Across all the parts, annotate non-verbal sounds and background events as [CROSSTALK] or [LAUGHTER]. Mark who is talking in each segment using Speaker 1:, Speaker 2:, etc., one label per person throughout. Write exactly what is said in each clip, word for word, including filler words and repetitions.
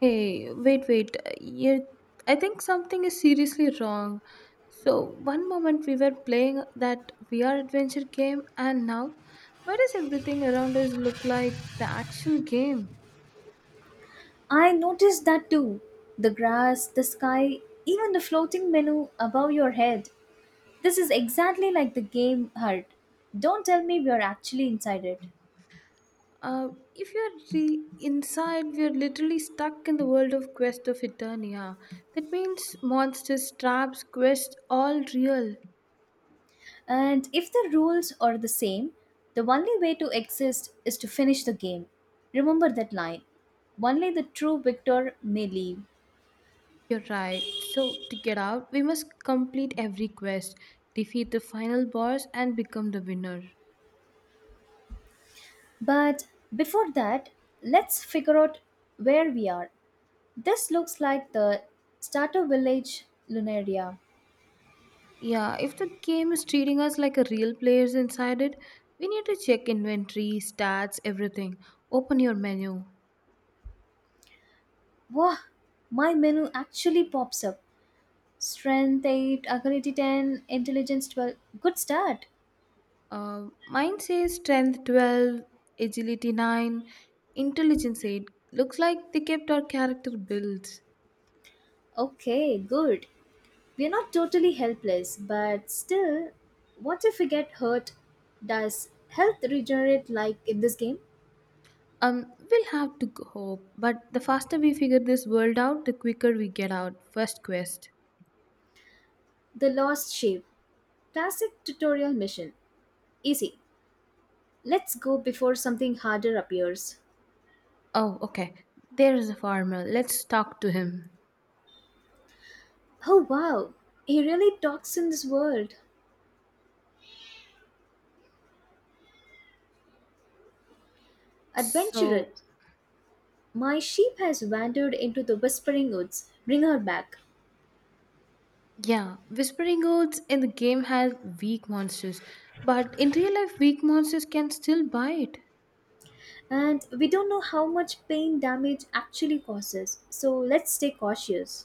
Speaker 1: Hey, wait, wait. Yeah, I think something is seriously wrong. So, one moment we were playing that V R adventure game, and now, why does everything around us look like the actual game?
Speaker 2: I noticed that too. The grass, the sky, even the floating menu above your head. This is exactly like the game Heart. Don't tell me we are actually inside it.
Speaker 1: Uh, if you're re- inside, we're literally stuck in the world of Quest of Eternia. That means monsters, traps, quests, all real.
Speaker 2: And if the rules are the same, the only way to exist is to finish the game. Remember that line. Only the true victor may leave.
Speaker 1: You're right. So, to get out, we must complete every quest, defeat the final boss, and become the winner.
Speaker 2: But before that, let's figure out where we are. This looks like the starter village Lunaria.
Speaker 1: Yeah, if the game is treating us like a real players inside it, we need to check inventory, stats, everything. Open your menu.
Speaker 2: Wow, my menu actually pops up. Strength eight, agility ten, intelligence twelve. Good start.
Speaker 1: Uh, mine says strength twelve, agility nine, intelligence eight. Looks like they kept our character builds.
Speaker 2: Okay, good. We're not totally helpless, but still, what if we get hurt? Does health regenerate like in this game?
Speaker 1: Um, we'll have to g- hope, but the faster we figure this world out, the quicker we get out. First quest.
Speaker 2: The Lost Shape. Classic tutorial mission. Easy. Let's go before something harder appears.
Speaker 1: Oh, okay. There is a farmer. Let's talk to him.
Speaker 2: Oh wow, he really talks in this world.
Speaker 1: So,
Speaker 2: Adventurous. My sheep has wandered into the Whispering Woods. Bring her back.
Speaker 1: yeah, Whispering Woods in the game had weak monsters, but in real life, weak monsters can still bite.
Speaker 2: And we don't know how much pain damage actually causes, so let's stay cautious.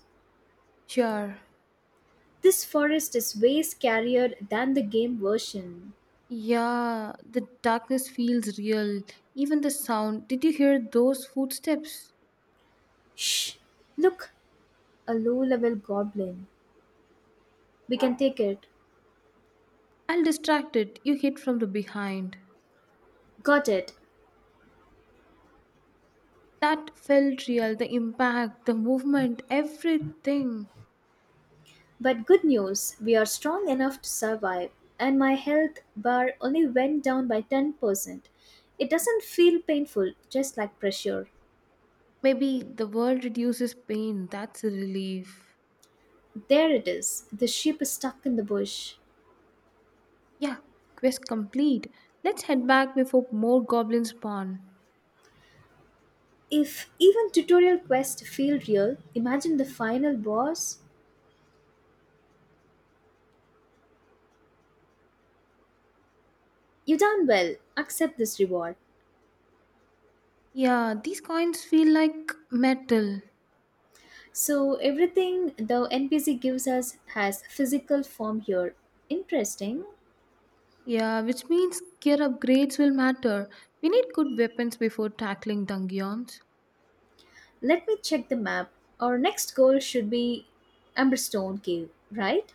Speaker 1: Sure.
Speaker 2: This forest is way scarier than the game version.
Speaker 1: Yeah, the darkness feels real. Even the sound. Did you hear those footsteps?
Speaker 2: Shh! Look! A low level goblin. We can take it.
Speaker 1: I'll distract it. You hit from the behind.
Speaker 2: Got it.
Speaker 1: That felt real. The impact, the movement, everything.
Speaker 2: But good news, we are strong enough to survive, and my health bar only went down by ten percent. It doesn't feel painful, just like pressure.
Speaker 1: Maybe the world reduces pain. That's a relief.
Speaker 2: There it is. The sheep is stuck in the bush.
Speaker 1: Yeah, quest complete. Let's head back before more goblins spawn.
Speaker 2: If even tutorial quests feel real, imagine the final boss. You done well. Accept this reward.
Speaker 1: Yeah, these coins feel like metal.
Speaker 2: So everything the N P C gives us has physical form here. Interesting.
Speaker 1: Yeah, which means gear upgrades will matter. We need good weapons before tackling dungeons.
Speaker 2: Let me check the map. Our next goal should be Amberstone Cave, right?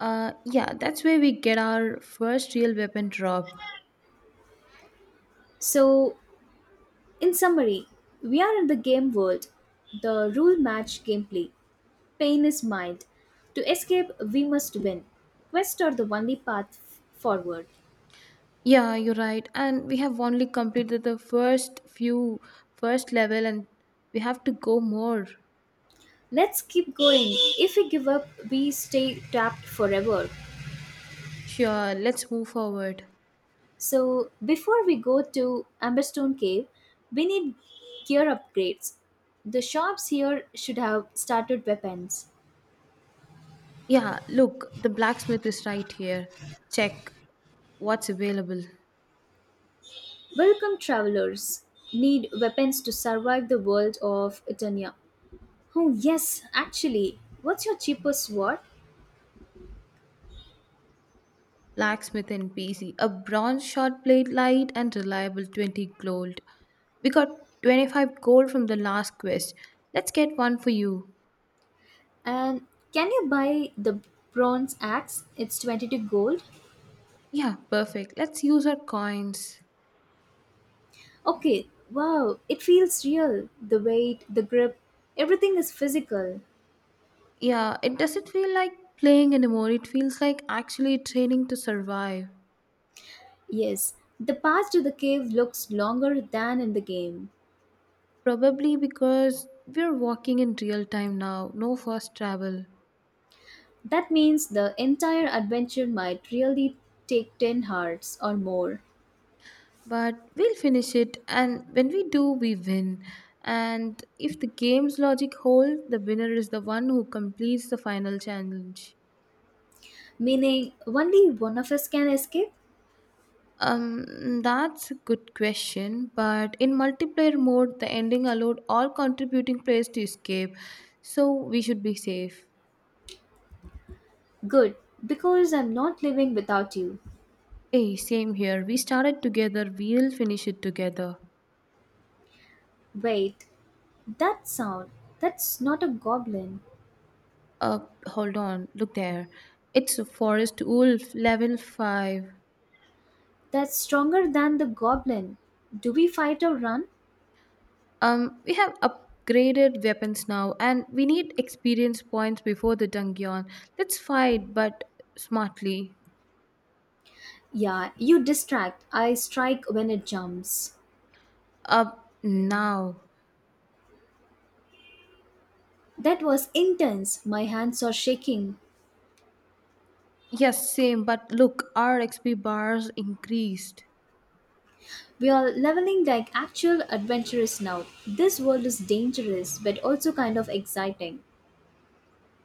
Speaker 1: Uh, yeah, that's where we get our first real weapon drop.
Speaker 2: So in summary, we are in the game world. The rule match gameplay. Pain is mild. To escape, we must win. Quests are the only path f- forward.
Speaker 1: Yeah, you're right. And we have only completed the first few, first level, and we have to go more.
Speaker 2: Let's keep going. If we give up, we stay trapped forever.
Speaker 1: Sure, let's move forward.
Speaker 2: So, before we go to Amberstone Cave, we need gear upgrades. The shops here should have started weapons.
Speaker 1: Yeah, look, the blacksmith is right here. Check what's available.
Speaker 2: Welcome, travelers. Need weapons to survive the world of Eternia. Oh, yes, actually. What's your cheapest sword?
Speaker 1: Blacksmith and P C, a bronze shot blade light and reliable twenty gold. We got twenty-five gold from the last quest. Let's get one for you.
Speaker 2: And can you buy the bronze axe? It's twenty-two gold.
Speaker 1: Yeah, perfect. Let's use our coins.
Speaker 2: Okay, wow, it feels real. The weight, the grip, everything is physical.
Speaker 1: Yeah, it doesn't feel like playing anymore. It feels like actually training to survive.
Speaker 2: Yes, the path to the cave looks longer than in the game.
Speaker 1: Probably because we're walking in real time now, no fast travel.
Speaker 2: That means the entire adventure might really take ten hearts or more.
Speaker 1: But we'll finish it, and when we do, we win. And if the game's logic holds, the winner is the one who completes the final challenge.
Speaker 2: Meaning, only one of us can escape?
Speaker 1: Um that's a good question, but in multiplayer mode the ending allowed all contributing players to escape, so we should be safe.
Speaker 2: Good, because I'm not living without you.
Speaker 1: Hey, same here. We started together, we'll finish it together.
Speaker 2: Wait, that sound, that's not a goblin.
Speaker 1: uh Hold on, look there, it's a forest wolf level five.
Speaker 2: That's stronger than the goblin. Do we fight or run?
Speaker 1: Um, we have upgraded weapons now, and we need experience points before the dungeon. Let's fight, but smartly.
Speaker 2: Yeah, you distract. I strike when it jumps.
Speaker 1: Up now.
Speaker 2: That was intense. My hands are shaking.
Speaker 1: Yes, same, but look, our X P bars increased.
Speaker 2: We are leveling like actual adventurers now. This world is dangerous but also kind of exciting.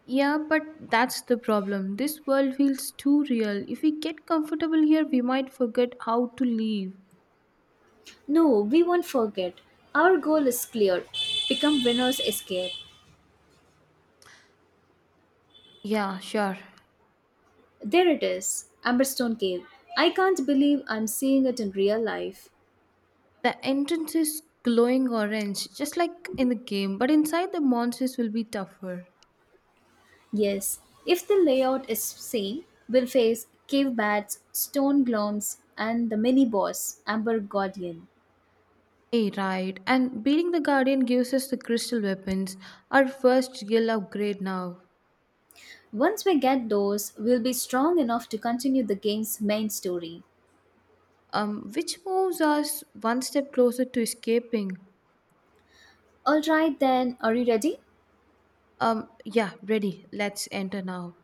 Speaker 1: Yeah, but that's the problem. This world feels too real. If we get comfortable here, we might forget how to leave.
Speaker 2: No, we won't forget. Our goal is clear become winners, escape.
Speaker 1: Yeah, sure.
Speaker 2: There it is Amberstone Cave. I can't believe I'm seeing it in real life.
Speaker 1: The entrance is glowing orange, just like in the game, but inside the monsters will be tougher.
Speaker 2: Yes, if the layout is same, we'll face cave bats, stone glooms, and the mini boss, Amber Guardian.
Speaker 1: Eh, right. And beating the Guardian gives us the Crystal Weapons, our first real upgrade now,
Speaker 2: Once we get those, we'll be strong enough to continue the game's main story.
Speaker 1: um, which moves us one step closer to escaping.
Speaker 2: Alright then, are you ready?
Speaker 1: Um, yeah, ready. Let's enter now.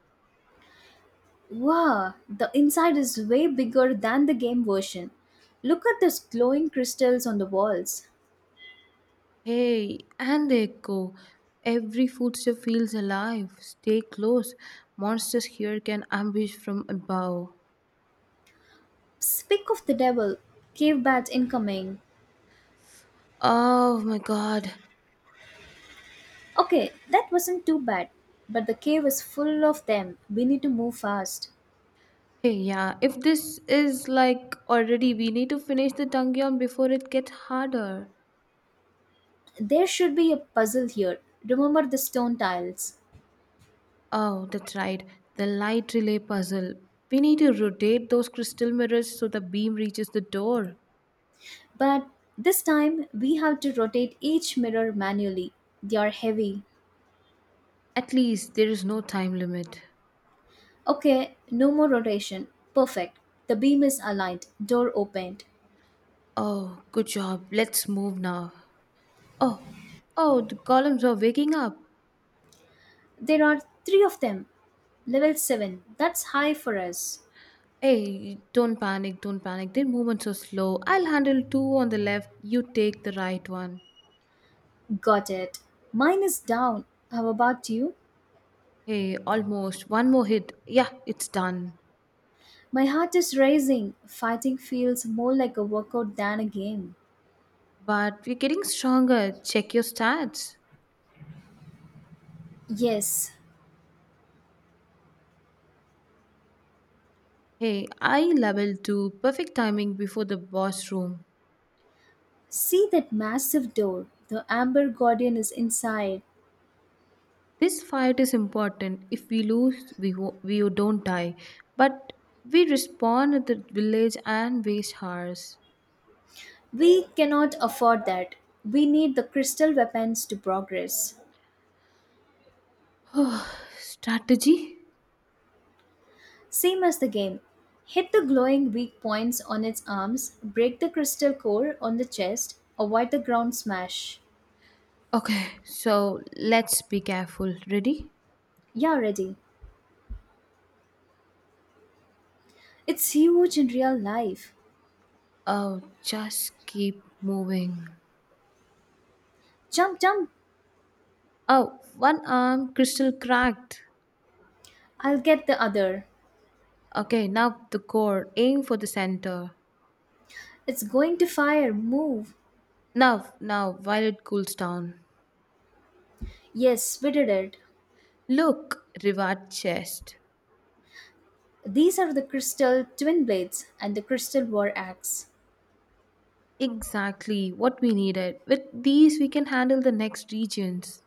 Speaker 2: Wow, the inside is way bigger than the game version. Look at those glowing crystals on the walls.
Speaker 1: Hey, and the echo. Every footstep feels alive. Stay close. Monsters here can ambush from above.
Speaker 2: Speak of the devil, cave bats incoming.
Speaker 1: Oh my god.
Speaker 2: Okay, that wasn't too bad, but the cave is full of them. We need to move fast.
Speaker 1: Hey, yeah, if this is like already, we need to finish the Dungeon before it gets harder.
Speaker 2: There should be a puzzle here. Remember the stone tiles.
Speaker 1: Oh, that's right. The light relay puzzle. We need to rotate those crystal mirrors so the beam reaches the door.
Speaker 2: But this time we have to rotate each mirror manually. They are heavy.
Speaker 1: At least there is no time limit.
Speaker 2: Okay, no more rotation. Perfect. The beam is aligned, door opened.
Speaker 1: Oh, good job. Let's move now. Oh, oh, the columns are waking up.
Speaker 2: There are three of them. Level seven. That's high for us.
Speaker 1: Hey, don't panic, don't panic. Their movements are slow. I'll handle two on the left. You take the right one.
Speaker 2: Got it. Mine is down. How about you?
Speaker 1: Hey, almost. One more hit. Yeah, it's done.
Speaker 2: My heart is racing. Fighting feels more like a workout than a game.
Speaker 1: But we're getting stronger. Check your stats.
Speaker 2: Yes.
Speaker 1: Hey, I level two. Perfect timing before the boss room.
Speaker 2: See that massive door. The Amber Guardian is inside.
Speaker 1: This fight is important. If we lose, we, wo- we don't die. But we respawn at the village and waste hours.
Speaker 2: We cannot afford that. We need the crystal weapons to progress.
Speaker 1: [SIGHS] Strategy?
Speaker 2: Same as the game. Hit the glowing weak points on its arms, break the crystal core on the chest, avoid the ground smash.
Speaker 1: Okay, so let's be careful. Ready?
Speaker 2: Yeah, ready. It's huge in real life.
Speaker 1: Oh, just keep moving.
Speaker 2: Jump, jump!
Speaker 1: Oh, one arm crystal cracked.
Speaker 2: I'll get the other.
Speaker 1: Okay, now the core. Aim for the center.
Speaker 2: It's going to fire. Move.
Speaker 1: Now, now, while it cools down.
Speaker 2: Yes, we did it.
Speaker 1: Look, Rivat chest.
Speaker 2: These are the crystal twin blades and the crystal war axe.
Speaker 1: Exactly what we needed. With these, we can handle the next regions.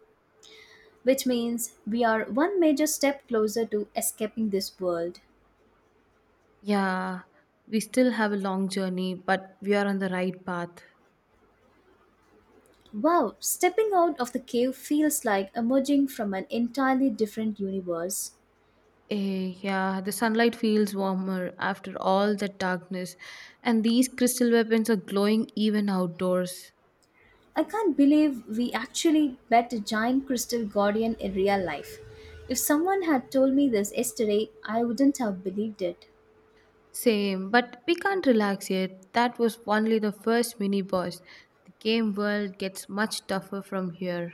Speaker 2: Which means we are one major step closer to escaping this world.
Speaker 1: Yeah, we still have a long journey, but we are on the right path.
Speaker 2: Wow, stepping out of the cave feels like emerging from an entirely different universe.
Speaker 1: Eh, yeah, the sunlight feels warmer after all that darkness, and these crystal weapons are glowing even outdoors.
Speaker 2: I can't believe we actually met a giant crystal guardian in real life. If someone had told me this yesterday, I wouldn't have believed it.
Speaker 1: Same, but we can't relax yet. That was only the first mini boss. The game world gets much tougher from here.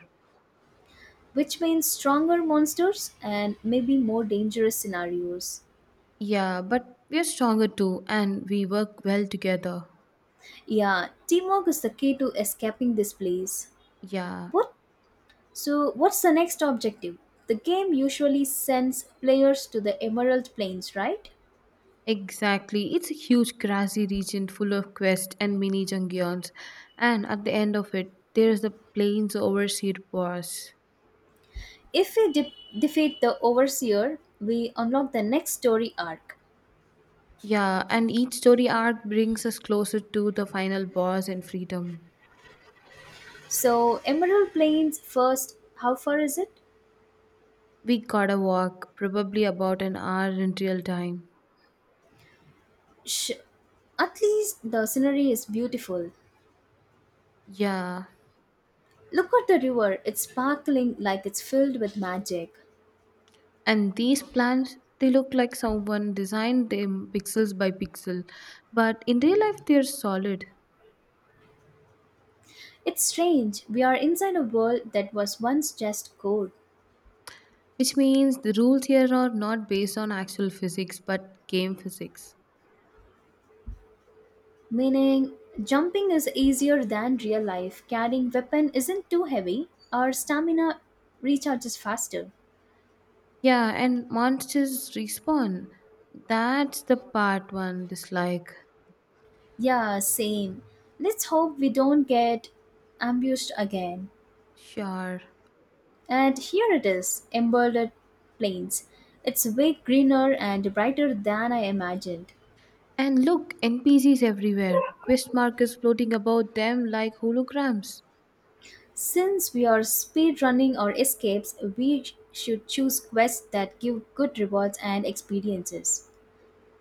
Speaker 2: Which means stronger monsters and maybe more dangerous scenarios.
Speaker 1: Yeah, but we're stronger too, and we work well together.
Speaker 2: Yeah, teamwork is the key to escaping this place.
Speaker 1: Yeah,
Speaker 2: What? So, what's the next objective? The game usually sends players to the Emerald Plains, right?
Speaker 1: exactly. It's a huge, grassy region full of quests and mini dungeons, and at the end of it, there's the plains overseer boss.
Speaker 2: If we de- defeat the Overseer, we unlock the next story arc.
Speaker 1: Yeah, and each story arc brings us closer to the final boss and freedom.
Speaker 2: So, Emerald Plains first, how far is it?
Speaker 1: We gotta walk, probably about an hour in real time.
Speaker 2: Sh- at least the scenery is beautiful.
Speaker 1: Yeah,
Speaker 2: Look at the river, it's sparkling like it's filled with magic.
Speaker 1: and these plants, they look like someone designed them pixels by pixel, but in real life they're solid,
Speaker 2: It's strange, we are inside a world that was once just gold.
Speaker 1: which means the rules here are not based on actual physics but game physics.
Speaker 2: Meaning, jumping is easier than real life, carrying weapon isn't too heavy, our stamina recharges faster.
Speaker 1: Yeah, and monsters respawn, that's the part one dislike.
Speaker 2: Yeah, same. Let's hope we don't get ambushed again.
Speaker 1: Sure.
Speaker 2: And here it is, Embroidered Plains. It's way greener and brighter than I imagined.
Speaker 1: And look, npcs everywhere, quest markers floating about them like holograms.
Speaker 2: Since we are speedrunning our escapes, we sh- should choose quests that give good rewards and experiences.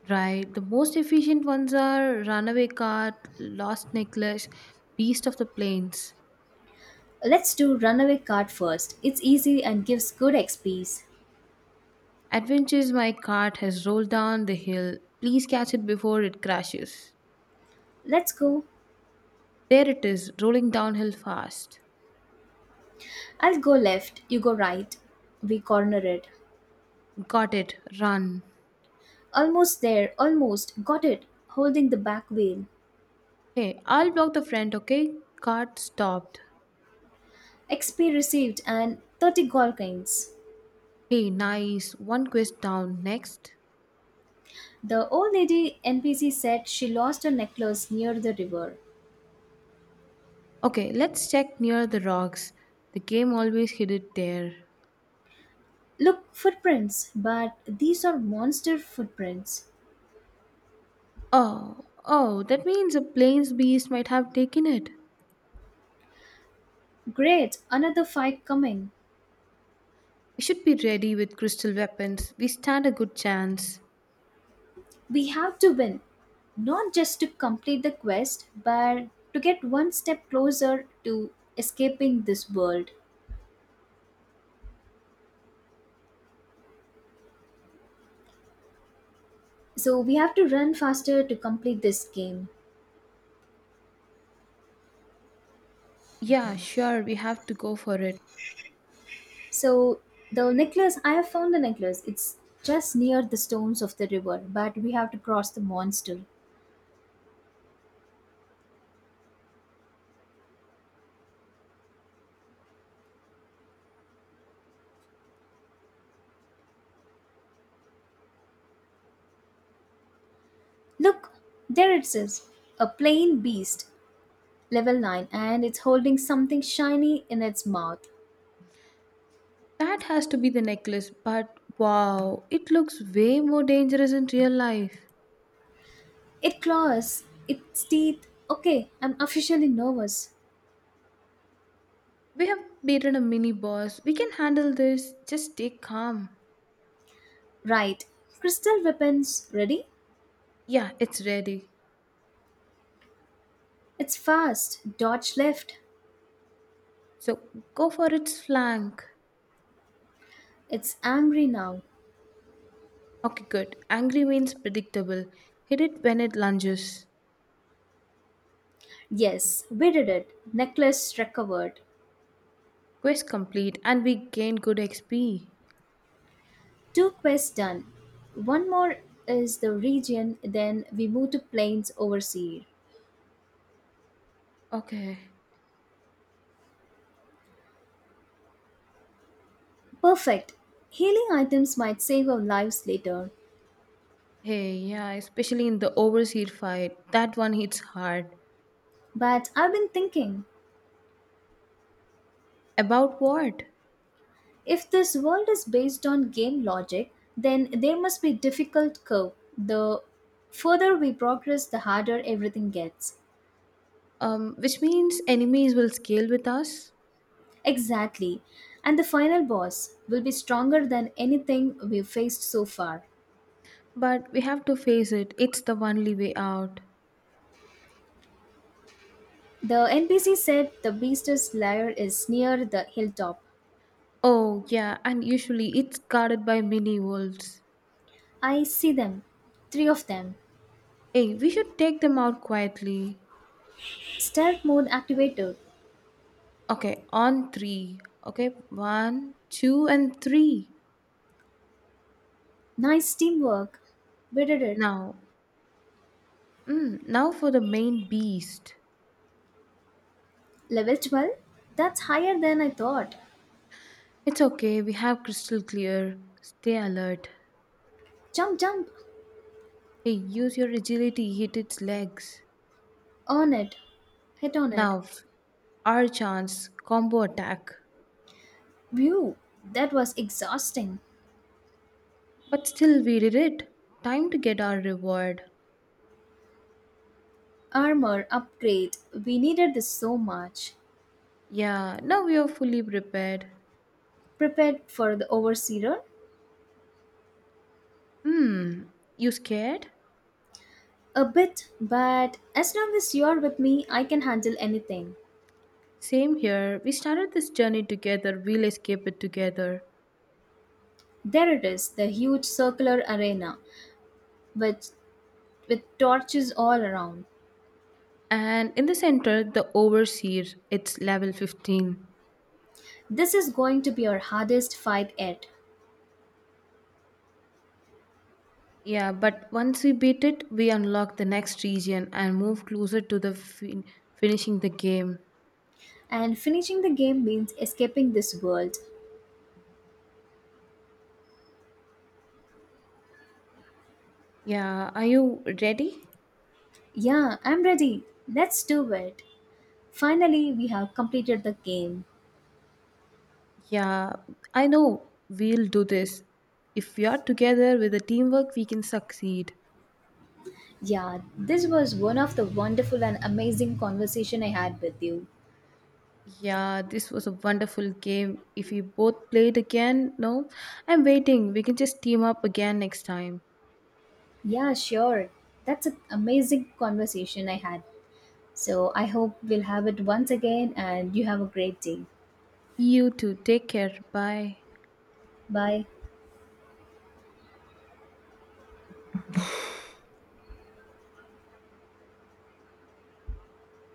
Speaker 1: Right. The most efficient ones are runaway cart, lost necklace, beast of the plains.
Speaker 2: Let's do runaway card first. It's easy and gives good X Ps.
Speaker 1: Adventures, my cart has rolled down the hill. Please catch it before it crashes.
Speaker 2: Let's go.
Speaker 1: There it is, rolling downhill fast.
Speaker 2: I'll go left, you go right. We corner it.
Speaker 1: Got it. Run.
Speaker 2: Almost there, almost. Got it. Holding the back wheel.
Speaker 1: Hey, I'll block the front, okay? Cart stopped.
Speaker 2: X P received and thirty gold coins.
Speaker 1: Hey, nice. One quest down. Next.
Speaker 2: The old lady N P C said she lost her necklace near the river.
Speaker 1: Okay, let's check near the rocks. The game always hid it there.
Speaker 2: Look, footprints, but these are monster footprints.
Speaker 1: Oh, oh, that means a plains beast might have taken it.
Speaker 2: Great, another fight coming.
Speaker 1: We should be ready with crystal weapons. We stand a good chance.
Speaker 2: We have to win, not just to complete the quest, but to get one step closer to escaping this world. So we have to run faster to complete this game.
Speaker 1: Yeah, sure, we have to go for it.
Speaker 2: So the necklace, I have found the necklace. It's just near the stones of the river, but we have to cross the monster. Look, there it says a plain beast, level nine, and it's holding something shiny in its mouth.
Speaker 1: That has to be the necklace, but wow, it looks way more dangerous in real life.
Speaker 2: It claws, its teeth. Okay, I'm officially nervous.
Speaker 1: We have beaten a mini boss. We can handle this. Just stay calm.
Speaker 2: Right. Crystal weapons ready?
Speaker 1: Yeah, it's ready.
Speaker 2: It's fast. Dodge left.
Speaker 1: So go for its flank.
Speaker 2: It's angry now.
Speaker 1: Okay, good. Angry means predictable. Hit it when it lunges.
Speaker 2: Yes, we did it. Necklace recovered.
Speaker 1: Quest complete, and we gain good X P.
Speaker 2: Two quests done. One more is the region, then we move to plains overseer.
Speaker 1: Okay.
Speaker 2: Perfect. Healing items might save our lives later.
Speaker 1: Hey, yeah, especially in the overseas fight, that one hits hard.
Speaker 2: But I've been thinking
Speaker 1: About what?
Speaker 2: if this world is based on game logic, then there must be difficult curve. The further we progress, the harder everything gets.
Speaker 1: Um, which means enemies will scale with us,
Speaker 2: Exactly. And the final boss will be stronger than anything we've faced so far.
Speaker 1: but we have to face it. It's the only way out.
Speaker 2: The N P C said the beast's lair is near the hilltop.
Speaker 1: Oh, yeah, and usually it's guarded by mini wolves.
Speaker 2: I see them. Three of them.
Speaker 1: Hey, we should take them out quietly.
Speaker 2: Stealth mode activated.
Speaker 1: Okay, on three. Okay, one, two, and three.
Speaker 2: Nice teamwork. We did it.
Speaker 1: Now, mm, now for the main beast.
Speaker 2: Level twelve? That's higher than I thought.
Speaker 1: It's okay, we have crystal clear. Stay alert.
Speaker 2: Jump, jump.
Speaker 1: Hey, use your agility, hit its legs.
Speaker 2: On it. Hit on it.
Speaker 1: Now, our chance, combo attack.
Speaker 2: View. That was exhausting.
Speaker 1: But still, we did it. Time to get our reward.
Speaker 2: Armor upgrade. We needed this so much.
Speaker 1: Yeah, now we are fully prepared.
Speaker 2: Prepared for the overseer?
Speaker 1: Hmm, you scared?
Speaker 2: A bit, but as long as you're with me, I can handle anything.
Speaker 1: Same here. We started this journey together, we'll escape it together.
Speaker 2: There it is, the huge circular arena, with, with torches all around.
Speaker 1: And in the center, the overseer, it's level fifteen.
Speaker 2: This is going to be our hardest fight yet.
Speaker 1: Yeah, but once we beat it, we unlock the next region and move closer to the fin- finishing the game.
Speaker 2: And finishing the game means escaping this world.
Speaker 1: Yeah, are you ready?
Speaker 2: Yeah, I'm ready. Let's do it. Finally, we have completed the game.
Speaker 1: Yeah, I know we'll do this. If we are together with a teamwork, we can succeed.
Speaker 2: Yeah, this was one of the wonderful and amazing conversation I had with you.
Speaker 1: Yeah, this was a wonderful game. If we both played again, no, I'm waiting. We can just team up again next time.
Speaker 2: Yeah, sure. That's an amazing conversation I had. So I hope we'll have it once again and you have a great day.
Speaker 1: You too. Take care. Bye.
Speaker 2: Bye.